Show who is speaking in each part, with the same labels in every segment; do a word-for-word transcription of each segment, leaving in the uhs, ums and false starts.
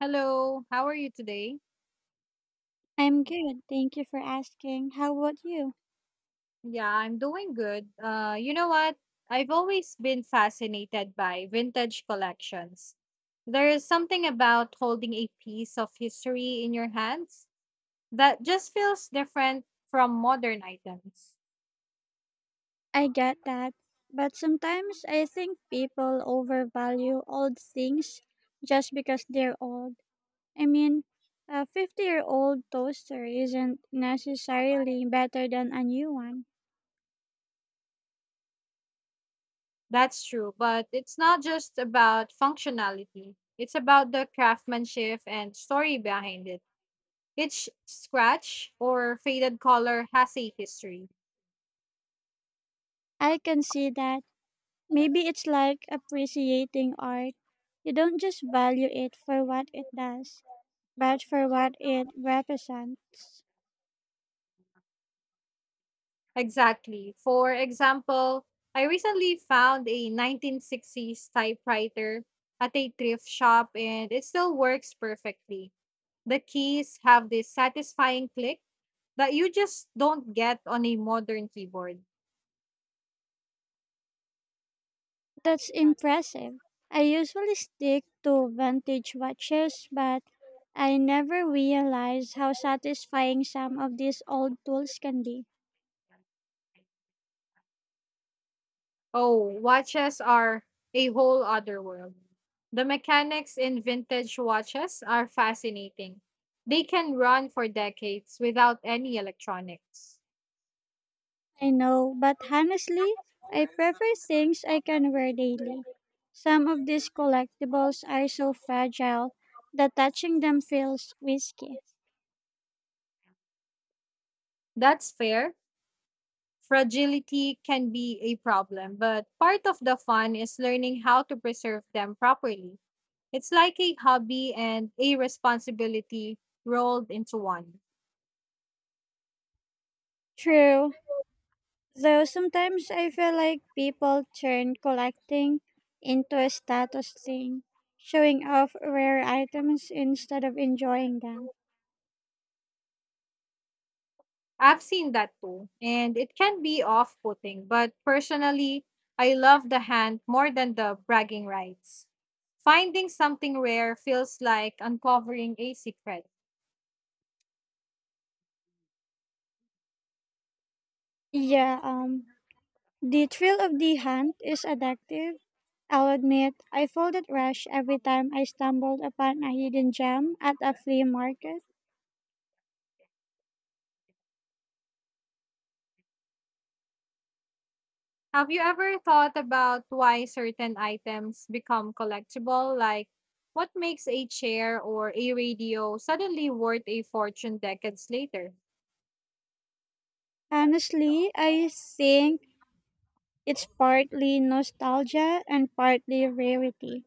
Speaker 1: Hello, how are you today?
Speaker 2: I'm good. Thank you for asking. How about you?
Speaker 1: Yeah, I'm doing good. Uh, you know what? I've always been fascinated by vintage collections. There is something about holding a piece of history in your hands that just feels different from modern items.
Speaker 2: I get that. But sometimes I think people overvalue old things just because they're old. I mean, a fifty year old toaster isn't necessarily better than a new one.
Speaker 1: That's true, but it's not just about functionality, it's about the craftsmanship and story behind it. Each scratch or faded color has a history.
Speaker 2: I can see that. Maybe it's like appreciating art. You don't just value it for what it does, but for what it represents.
Speaker 1: Exactly. For example, I recently found a nineteen sixties typewriter at a thrift shop and it still works perfectly. The keys have this satisfying click that you just don't get on a modern keyboard.
Speaker 2: That's impressive. I usually stick to vintage watches, but I never realize how satisfying some of these old tools can be.
Speaker 1: Oh, watches are a whole other world. The mechanics in vintage watches are fascinating. They can run for decades without any electronics.
Speaker 2: I know, but honestly, I prefer things I can wear daily. Some of these collectibles are so fragile that touching them feels risky.
Speaker 1: That's fair. Fragility can be a problem, but part of the fun is learning how to preserve them properly. It's like a hobby and a responsibility rolled into one.
Speaker 2: True, though sometimes I feel like people turn collecting into a status thing, showing off rare items instead of enjoying them.
Speaker 1: I've seen that too, and it can be off putting, but personally, I love the hunt more than the bragging rights. Finding something rare feels like uncovering a secret.
Speaker 2: Yeah, um, the thrill of the hunt is addictive. I'll admit, I felt it rush every time I stumbled upon a hidden gem at a flea market.
Speaker 1: Have you ever thought about why certain items become collectible? Like, what makes a chair or a radio suddenly worth a fortune decades later?
Speaker 2: Honestly, I think it's partly nostalgia and partly rarity.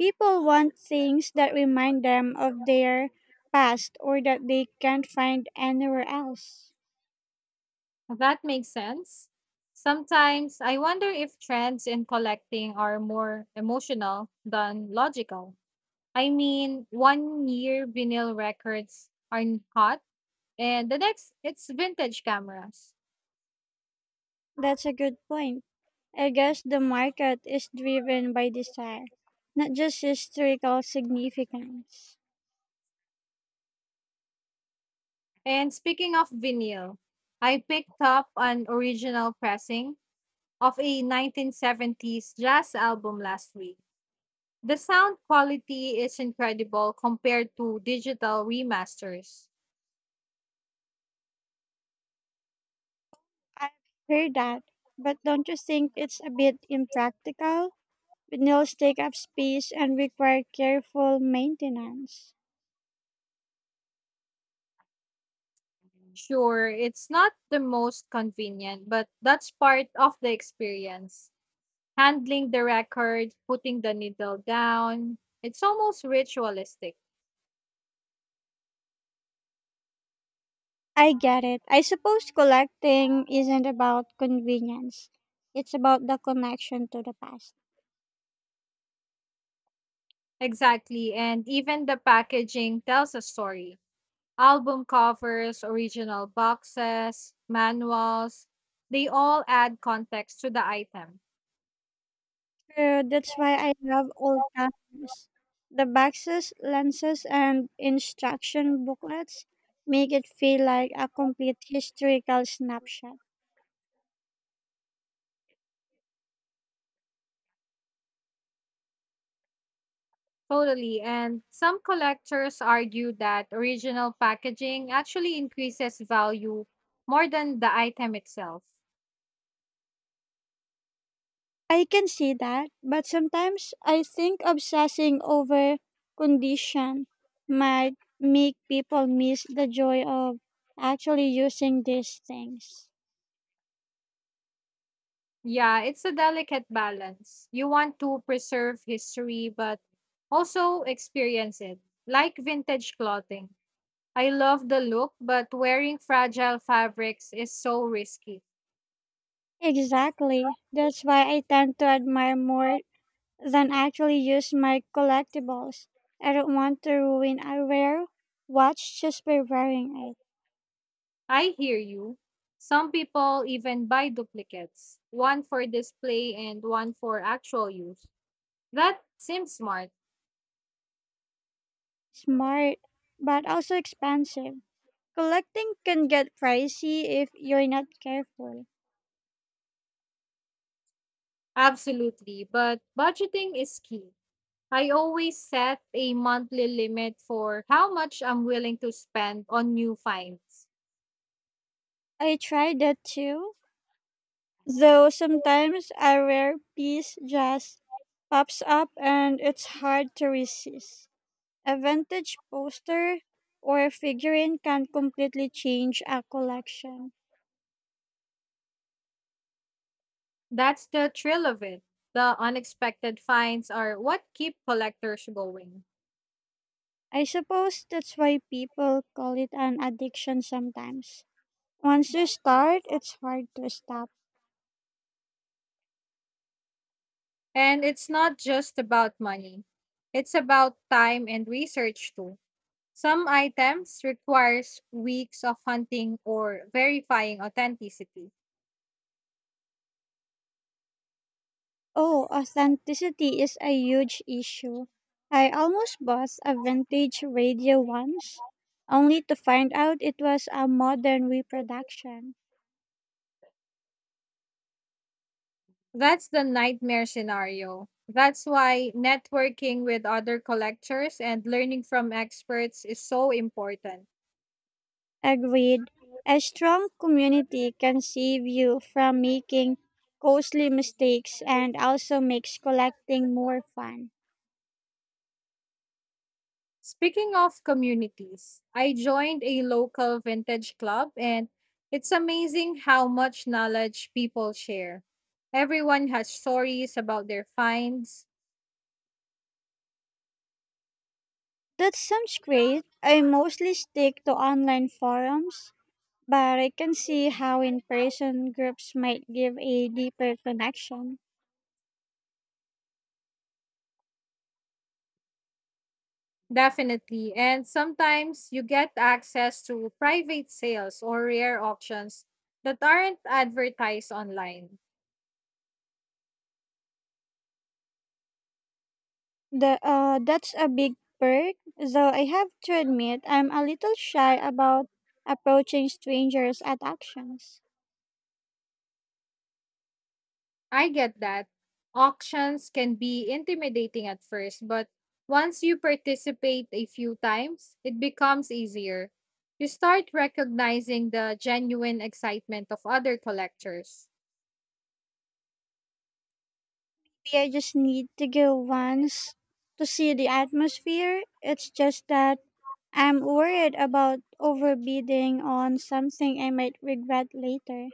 Speaker 2: People want things that remind them of their past or that they can't find anywhere else.
Speaker 1: That makes sense. Sometimes I wonder if trends in collecting are more emotional than logical. I mean, one year vinyl records are n- hot, and the next it's vintage cameras.
Speaker 2: That's a good point. I guess the market is driven by desire, not just historical significance.
Speaker 1: And speaking of vinyl, I picked up an original pressing of a nineteen seventies jazz album last week. The sound quality is incredible compared to digital remasters.
Speaker 2: I've heard that, but don't you think it's a bit impractical? Vinyls take up space and require careful maintenance.
Speaker 1: Sure, it's not the most convenient, but that's part of the experience. Handling the record, putting the needle down, it's almost ritualistic.
Speaker 2: I get it. I suppose collecting isn't about convenience. It's about the connection to the past.
Speaker 1: Exactly, and even the packaging tells a story. Album covers, original boxes, manuals, they all add context to the item.
Speaker 2: True, that's why I love old timers. The boxes, lenses, and instruction booklets make it feel like a complete historical snapshot.
Speaker 1: Totally. And some collectors argue that original packaging actually increases value more than the item itself.
Speaker 2: I can see that, but sometimes I think obsessing over condition might make people miss the joy of actually using these things.
Speaker 1: Yeah, it's a delicate balance. You want to preserve history, but also experience it, like vintage clothing. I love the look, but wearing fragile fabrics is so risky.
Speaker 2: Exactly. That's why I tend to admire more than actually use my collectibles. I don't want to ruin a rare watch just by wearing it.
Speaker 1: I hear you. Some people even buy duplicates, one for display and one for actual use. That seems smart.
Speaker 2: Smart, but also expensive. Collecting can get pricey if you're not careful.
Speaker 1: Absolutely, but budgeting is key. I always set a monthly limit for how much I'm willing to spend on new finds.
Speaker 2: I tried that too, though sometimes a rare piece just pops up and it's hard to resist. A vintage poster or a figurine can completely change a collection.
Speaker 1: That's the thrill of it. The unexpected finds are what keep collectors going.
Speaker 2: I suppose that's why people call it an addiction sometimes. Once you start, it's hard to stop.
Speaker 1: And it's not just about money, it's about time and research too. Some items requires weeks of hunting or verifying authenticity.
Speaker 2: Oh, authenticity is a huge issue. I almost bought a vintage radio once, only to find out it was a modern reproduction.
Speaker 1: That's the nightmare scenario. That's why networking with other collectors and learning from experts is so important.
Speaker 2: Agreed. A strong community can save you from making costly mistakes and also makes collecting more fun.
Speaker 1: Speaking of communities, I joined a local vintage club and it's amazing how much knowledge people share. Everyone has stories about their finds,
Speaker 2: That sounds great. I mostly stick to online forums, but I can see how in-person groups might give a deeper connection.
Speaker 1: definitely, and sometimes you get access to private sales or rare auctions that aren't advertised online.
Speaker 2: The uh, That's a big perk, though I have to admit I'm a little shy about approaching strangers at auctions.
Speaker 1: I get that. Auctions can be intimidating at first, but once you participate a few times, it becomes easier. You start recognizing the genuine excitement of other collectors.
Speaker 2: Maybe I just need to go once to see the atmosphere. It's just that I'm worried about overbidding on something I might regret later.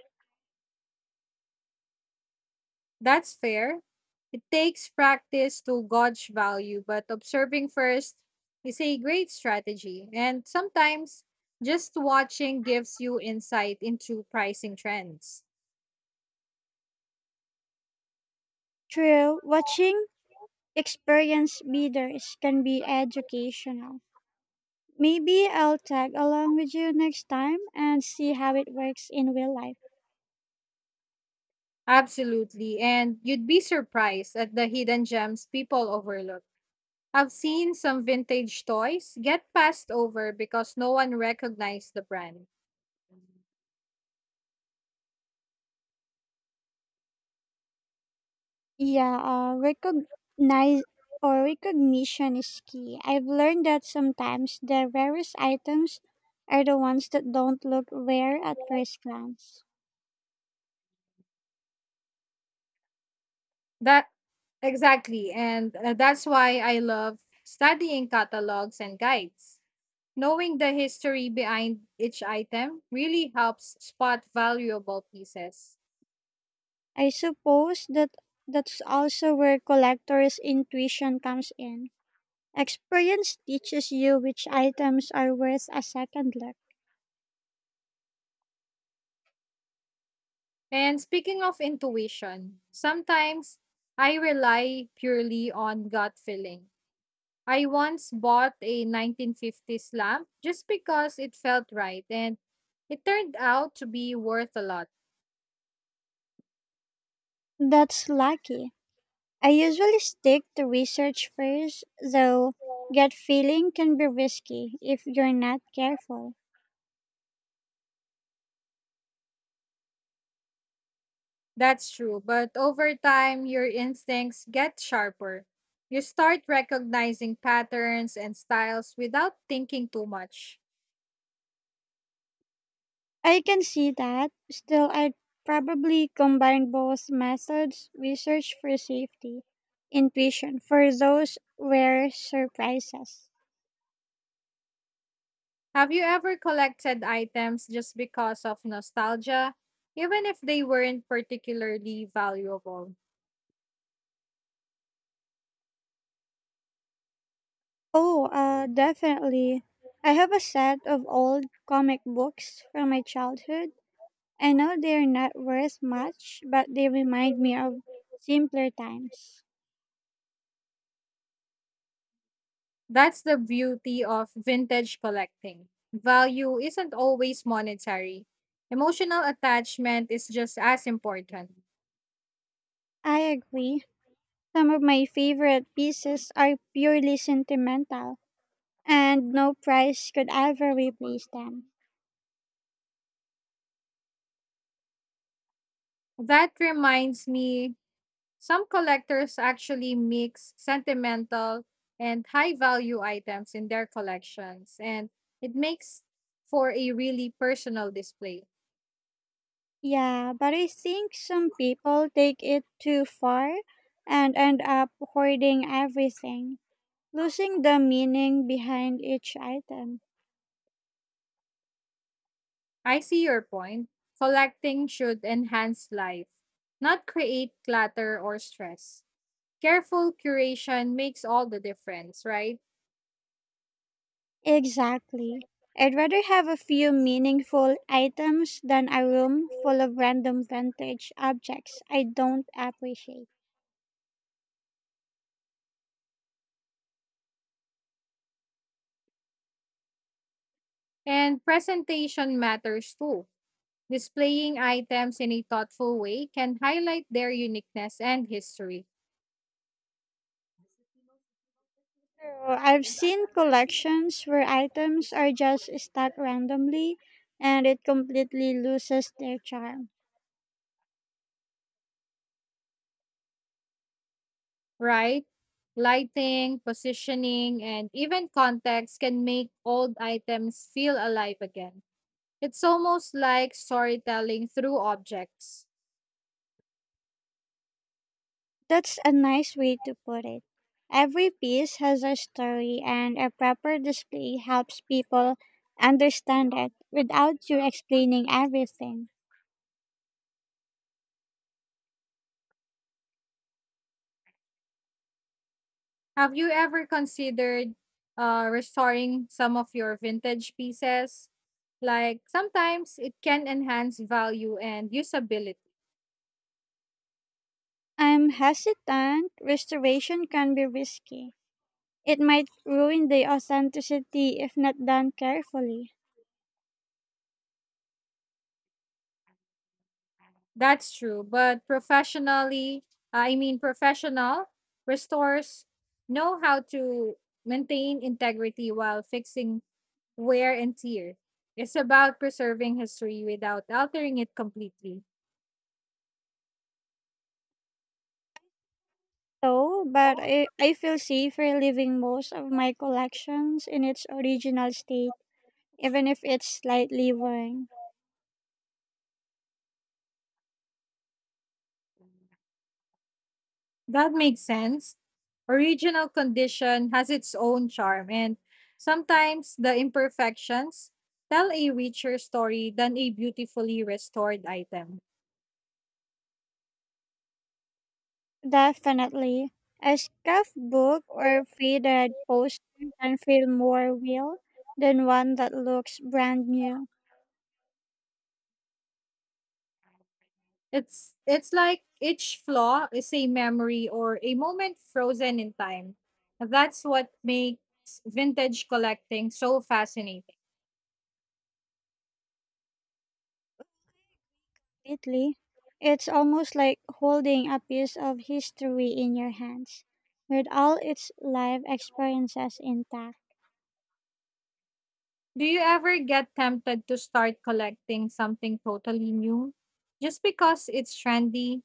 Speaker 1: That's fair. It takes practice to gauge value, but observing first is a great strategy. And sometimes just watching gives you insight into pricing trends.
Speaker 2: True, watching experienced bidders can be educational. Maybe I'll tag along with you next time and see how it works in real life.
Speaker 1: Absolutely. And you'd be surprised at the hidden gems people overlook. I've seen some vintage toys get passed over because no one recognized the brand.
Speaker 2: Yeah, uh, recognize or recognition is key. I've learned that sometimes the rarest items are the ones that don't look rare at first glance.
Speaker 1: That exactly. And uh, that's why I love studying catalogs and guides. Knowing the history behind each item really helps spot valuable pieces.
Speaker 2: I suppose that that's also where collectors' intuition comes in. Experience teaches you which items are worth a second look.
Speaker 1: And speaking of intuition, sometimes I rely purely on gut feeling. I once bought a nineteen fifties lamp just because it felt right and it turned out to be worth a lot.
Speaker 2: That's lucky. I usually stick to research first, though gut feeling can be risky if you're not careful.
Speaker 1: That's true, but over time, your instincts get sharper. You start recognizing patterns and styles without thinking too much.
Speaker 2: I can see that. Still, I'd probably combine both methods, research for safety, intuition for those rare surprises.
Speaker 1: Have you ever collected items just because of nostalgia, even if they weren't particularly valuable?
Speaker 2: Oh, uh, Definitely. I have a set of old comic books from my childhood. I know they're not worth much, but they remind me of simpler times.
Speaker 1: That's the beauty of vintage collecting. Value isn't always monetary. Emotional attachment is just as important.
Speaker 2: I agree. Some of my favorite pieces are purely sentimental, and no price could ever replace them.
Speaker 1: That reminds me, some collectors actually mix sentimental and high value items in their collections, and it makes for a really personal display.
Speaker 2: Yeah, but I think some people take it too far and end up hoarding everything, losing the meaning behind each item.
Speaker 1: I see your point. Collecting should enhance life, not create clutter or stress. Careful curation makes all the difference, right?
Speaker 2: Exactly. I'd rather have a few meaningful items than a room full of random vintage objects I don't appreciate.
Speaker 1: And presentation matters too. Displaying items in a thoughtful way can highlight their uniqueness and history,
Speaker 2: So I've seen collections where items are just stuck randomly and it completely loses their charm.
Speaker 1: right? Lighting, positioning, and even context can make old items feel alive again. It's almost like storytelling through objects.
Speaker 2: That's a nice way to put it. Every piece has a story, and a proper display helps people understand it without you explaining everything.
Speaker 1: Have you ever considered uh, restoring some of your vintage pieces? Like sometimes it can enhance value and usability.
Speaker 2: I'm hesitant. Restoration can be risky. It might ruin the authenticity if not done carefully.
Speaker 1: That's true, but professionally, I mean professional restores know how to maintain integrity while fixing wear and tear. It's about preserving history without altering it completely.
Speaker 2: So, but I, I feel safer leaving most of my collections in its original state, even if it's slightly worn.
Speaker 1: That makes sense. Original condition has its own charm, and sometimes the imperfections tell a richer story than a beautifully restored item.
Speaker 2: Definitely. A scuffed book or faded poster can feel more real than one that looks brand new.
Speaker 1: It's it's like each flaw is a memory or a moment frozen in time. That's what makes vintage collecting so fascinating.
Speaker 2: Completely. It's almost like holding a piece of history in your hands, with all its life experiences intact.
Speaker 1: Do you ever get tempted to start collecting something totally new just because it's trendy?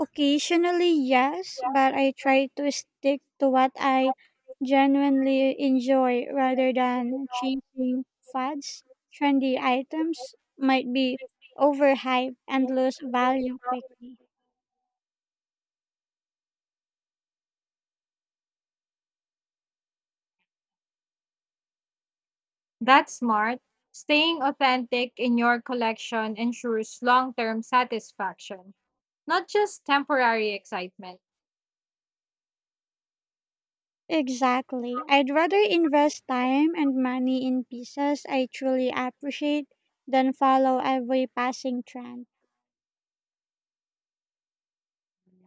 Speaker 2: Occasionally, yes, but I try to stick to what I genuinely enjoy rather than chasing fads. Trendy items might be overhyped and lose value quickly.
Speaker 1: That's smart. Staying authentic in your collection ensures long term satisfaction, not just temporary excitement.
Speaker 2: Exactly. I'd rather invest time and money in pieces I truly appreciate than follow every passing trend.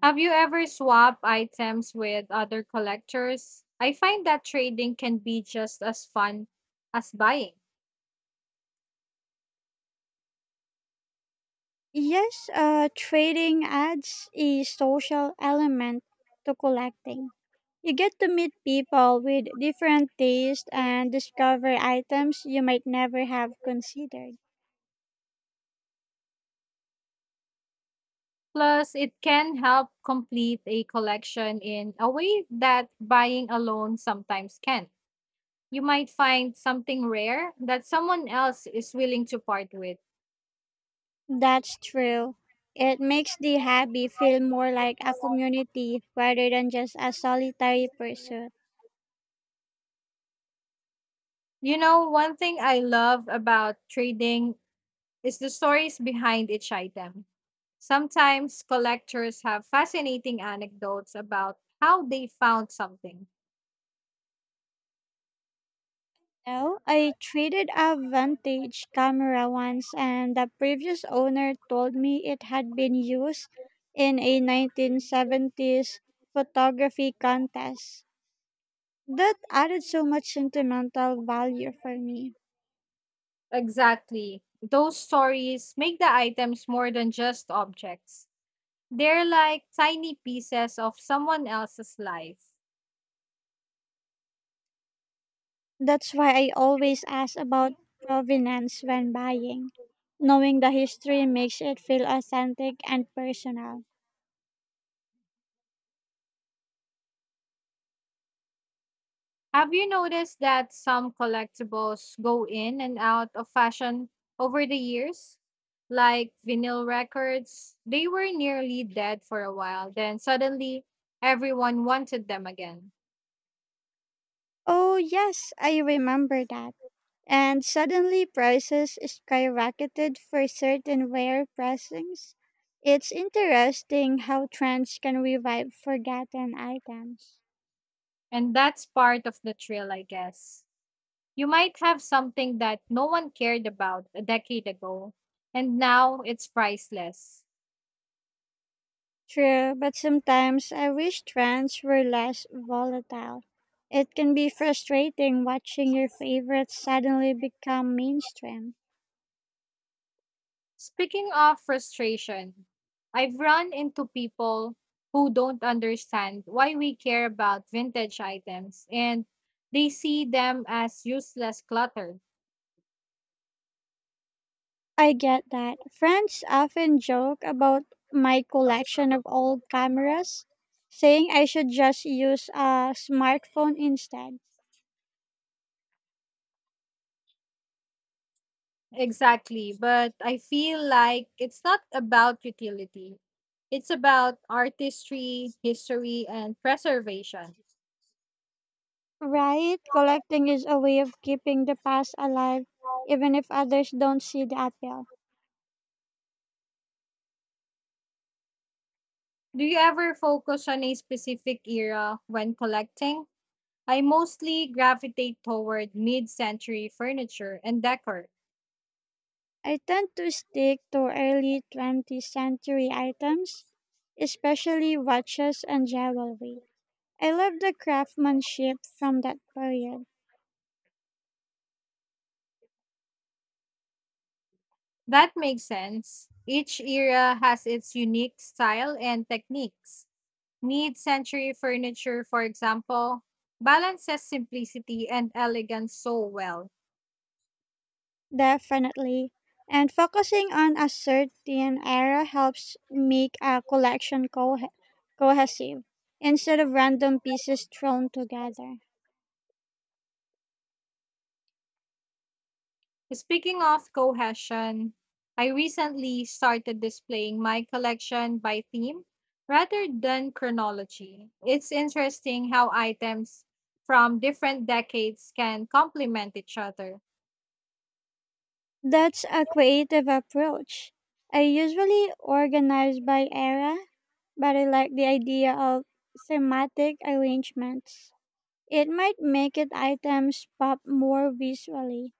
Speaker 1: Have you ever swapped items with other collectors? I find that trading can be just as fun as buying.
Speaker 2: Yes, uh, trading adds a social element to collecting. You get to meet people with different tastes and discover items you might never have considered.
Speaker 1: Plus, it can help complete a collection in a way that buying alone sometimes can. You might find something rare that someone else is willing to part with.
Speaker 2: That's true. It makes the hobby feel more like a community rather than just a solitary pursuit.
Speaker 1: You know, one thing I love about trading is the stories behind each item. Sometimes collectors have fascinating anecdotes about how they found something.
Speaker 2: No, I traded a vintage camera once, and the previous owner told me it had been used in a nineteen seventies photography contest. That added so much sentimental value for me.
Speaker 1: Exactly. Those stories make the items more than just objects, they're like tiny pieces of someone else's life.
Speaker 2: That's why I always ask about provenance when buying. Knowing the history makes it feel authentic and personal.
Speaker 1: Have you noticed that some collectibles go in and out of fashion over the years? Like vinyl records, they were nearly dead for a while, then suddenly everyone wanted them again.
Speaker 2: Oh, yes, I remember that. And suddenly prices skyrocketed for certain rare pressings. It's interesting how trends can revive forgotten items.
Speaker 1: And that's part of the thrill, I guess. You might have something that no one cared about a decade ago, and now it's priceless.
Speaker 2: True, but sometimes I wish trends were less volatile. It can be frustrating watching your favorites suddenly become mainstream.
Speaker 1: Speaking of frustration, I've run into people who don't understand why we care about vintage items and they see them as useless clutter.
Speaker 2: I get that. Friends often joke about my collection of old cameras, saying I should just use a smartphone instead.
Speaker 1: Exactly, but I feel like it's not about utility. It's about artistry, history, and preservation.
Speaker 2: Right? Collecting is a way of keeping the past alive, even if others don't see the appeal.
Speaker 1: Do you ever focus on a specific era when collecting? I mostly gravitate toward mid century furniture and decor.
Speaker 2: I tend to stick to early twentieth century items, especially watches and jewelry. I love the craftsmanship from that period,
Speaker 1: That makes sense. Each era has its unique style and techniques. Mid century furniture, for example, balances simplicity and elegance so well.
Speaker 2: definitely. And focusing on a certain era helps make a collection co- cohesive instead of random pieces thrown together.
Speaker 1: Speaking of cohesion, I recently started displaying my collection by theme rather than chronology. It's interesting how items from different decades can complement each other.
Speaker 2: That's a creative approach. I usually organize by era, but I like the idea of thematic arrangements. It might make it items pop more visually.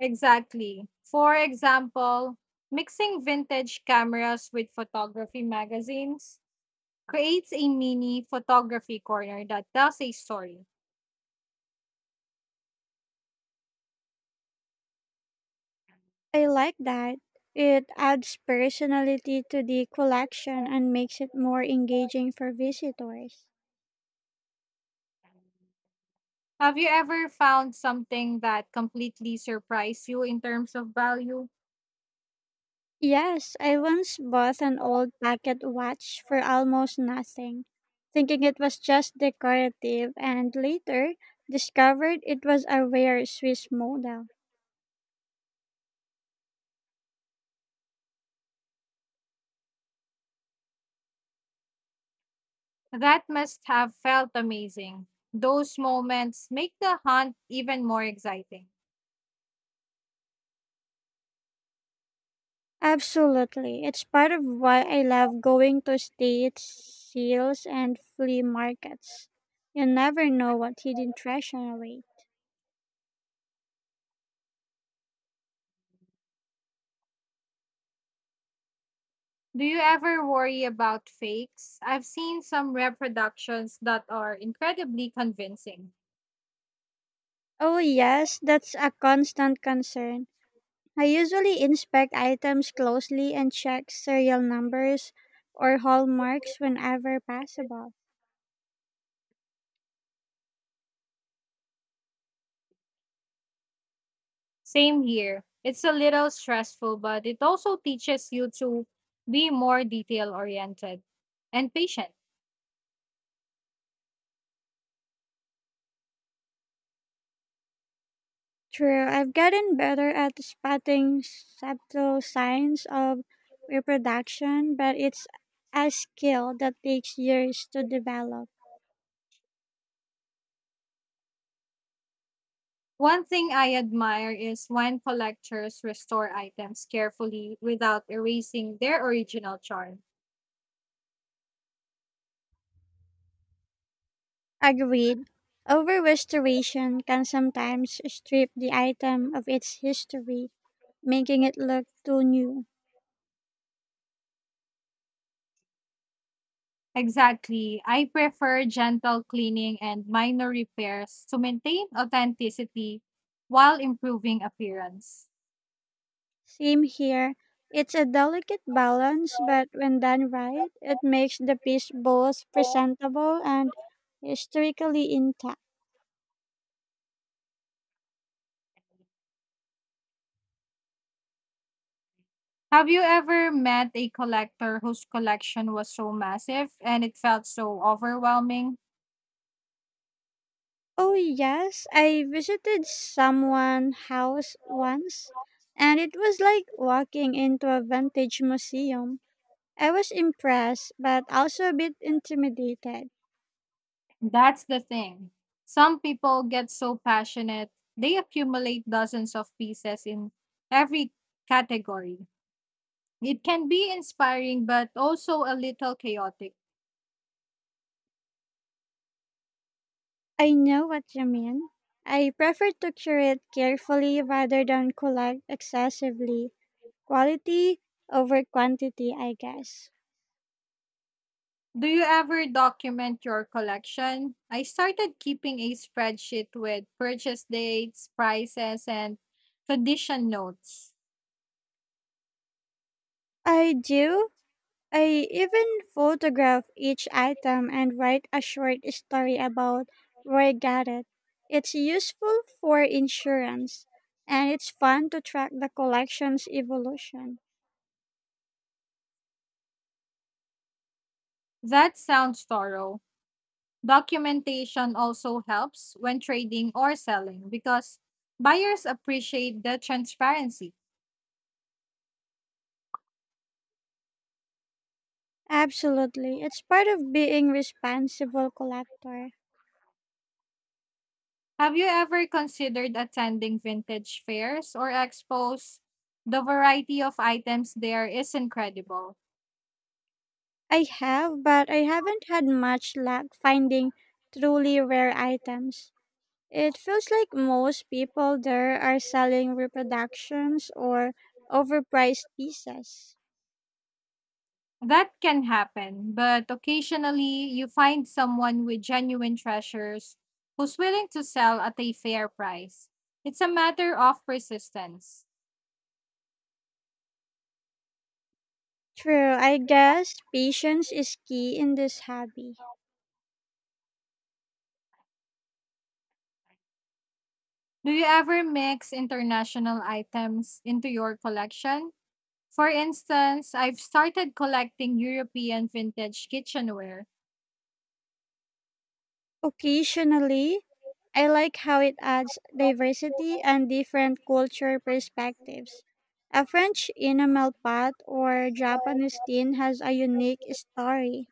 Speaker 1: Exactly. For example, mixing vintage cameras with photography magazines creates a mini photography corner that tells a story.
Speaker 2: I like that. It adds personality to the collection and makes it more engaging for visitors.
Speaker 1: Have you ever found something that completely surprised you in terms of value?
Speaker 2: Yes, I once bought an old pocket watch for almost nothing, thinking it was just decorative, and later discovered it was a rare Swiss model.
Speaker 1: That must have felt amazing. Those moments make the hunt even more exciting.
Speaker 2: Absolutely. It's part of why I love going to state sales and flea markets. You never know what hidden treasure away.
Speaker 1: Do you ever worry about fakes? I've seen some reproductions that are incredibly convincing.
Speaker 2: Oh, yes, that's a constant concern. I usually inspect items closely and check serial numbers or hallmarks whenever possible.
Speaker 1: Same here. It's a little stressful, but it also teaches you to be more detail oriented and patient.
Speaker 2: True, I've gotten better at spotting subtle signs of reproduction, but it's a skill that takes years to develop.
Speaker 1: One thing I admire is when collectors restore items carefully without erasing their original charm.
Speaker 2: Agreed. Over restoration can sometimes strip the item of its history, making it look too new.
Speaker 1: Exactly. I prefer gentle cleaning and minor repairs to maintain authenticity while improving appearance.
Speaker 2: Same here. It's a delicate balance, but when done right, it makes the piece both presentable and historically intact.
Speaker 1: Have you ever met a collector whose collection was so massive and it felt so overwhelming?
Speaker 2: Oh, yes, I visited someone's house once, and it was like walking into a vintage museum. I was impressed, but also a bit intimidated.
Speaker 1: That's the thing. Some people get so passionate, they accumulate dozens of pieces in every category. It can be inspiring, but also a little chaotic.
Speaker 2: I know what you mean. I prefer to curate carefully rather than collect excessively. Quality over quantity, I guess.
Speaker 1: Do you ever document your collection? I started keeping a spreadsheet with purchase dates, prices, and condition notes.
Speaker 2: I do. I even photograph each item and write a short story about where I got it. It's useful for insurance and it's fun to track the collection's evolution.
Speaker 1: That sounds thorough. Documentation also helps when trading or selling because buyers appreciate the transparency.
Speaker 2: Absolutely. It's part of being responsible collector.
Speaker 1: Have you ever considered attending vintage fairs or expos? The variety of items there is incredible.
Speaker 2: I have, but I haven't had much luck finding truly rare items. It feels like most people there are selling reproductions or overpriced pieces.
Speaker 1: That can happen, but occasionally you find someone with genuine treasures who's willing to sell at a fair price. It's a matter of persistence.
Speaker 2: True, I guess patience is key in this hobby.
Speaker 1: Do you ever mix international items into your collection? For instance, I've started collecting European vintage kitchenware.
Speaker 2: Occasionally, I like how it adds diversity and different culture perspectives. A French enamel pot or Japanese tin has a unique story.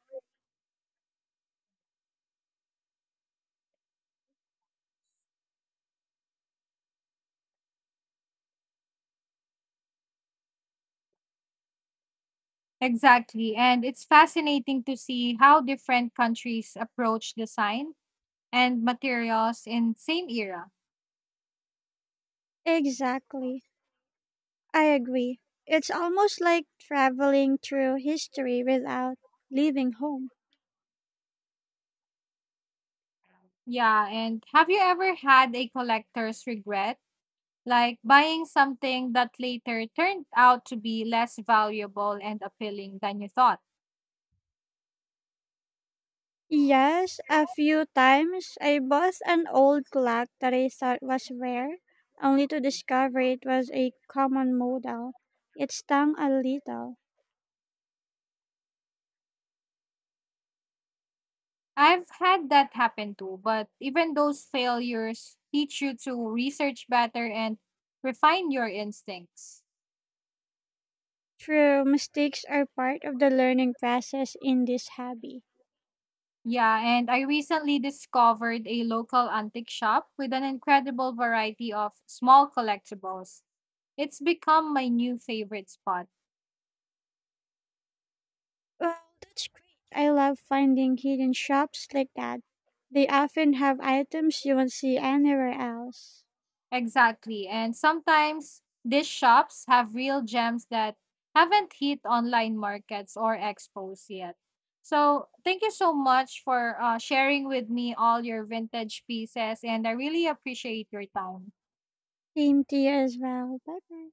Speaker 1: Exactly, and it's fascinating to see how different countries approach design and materials in same era.
Speaker 2: Exactly. I agree. It's almost like traveling through history without leaving home.
Speaker 1: Yeah, and have you ever had a collector's regret? Like buying something that later turned out to be less valuable and appealing than you thought.
Speaker 2: Yes, a few times I bought an old clock that I thought was rare, only to discover it was a common model. It stung a little.
Speaker 1: I've had that happen too, but even those failures teach you to research better and refine your instincts.
Speaker 2: True, mistakes are part of the learning process in this hobby.
Speaker 1: Yeah, and I recently discovered a local antique shop with an incredible variety of small collectibles. It's become my new favorite spot.
Speaker 2: Well, that's great. I love finding hidden shops like that. They often have items you won't see anywhere else.
Speaker 1: Exactly. And sometimes these shops have real gems that haven't hit online markets or expos yet. So, thank you so much for uh, sharing with me all your vintage pieces, and I really appreciate your time.
Speaker 2: Same to you as well. Bye bye.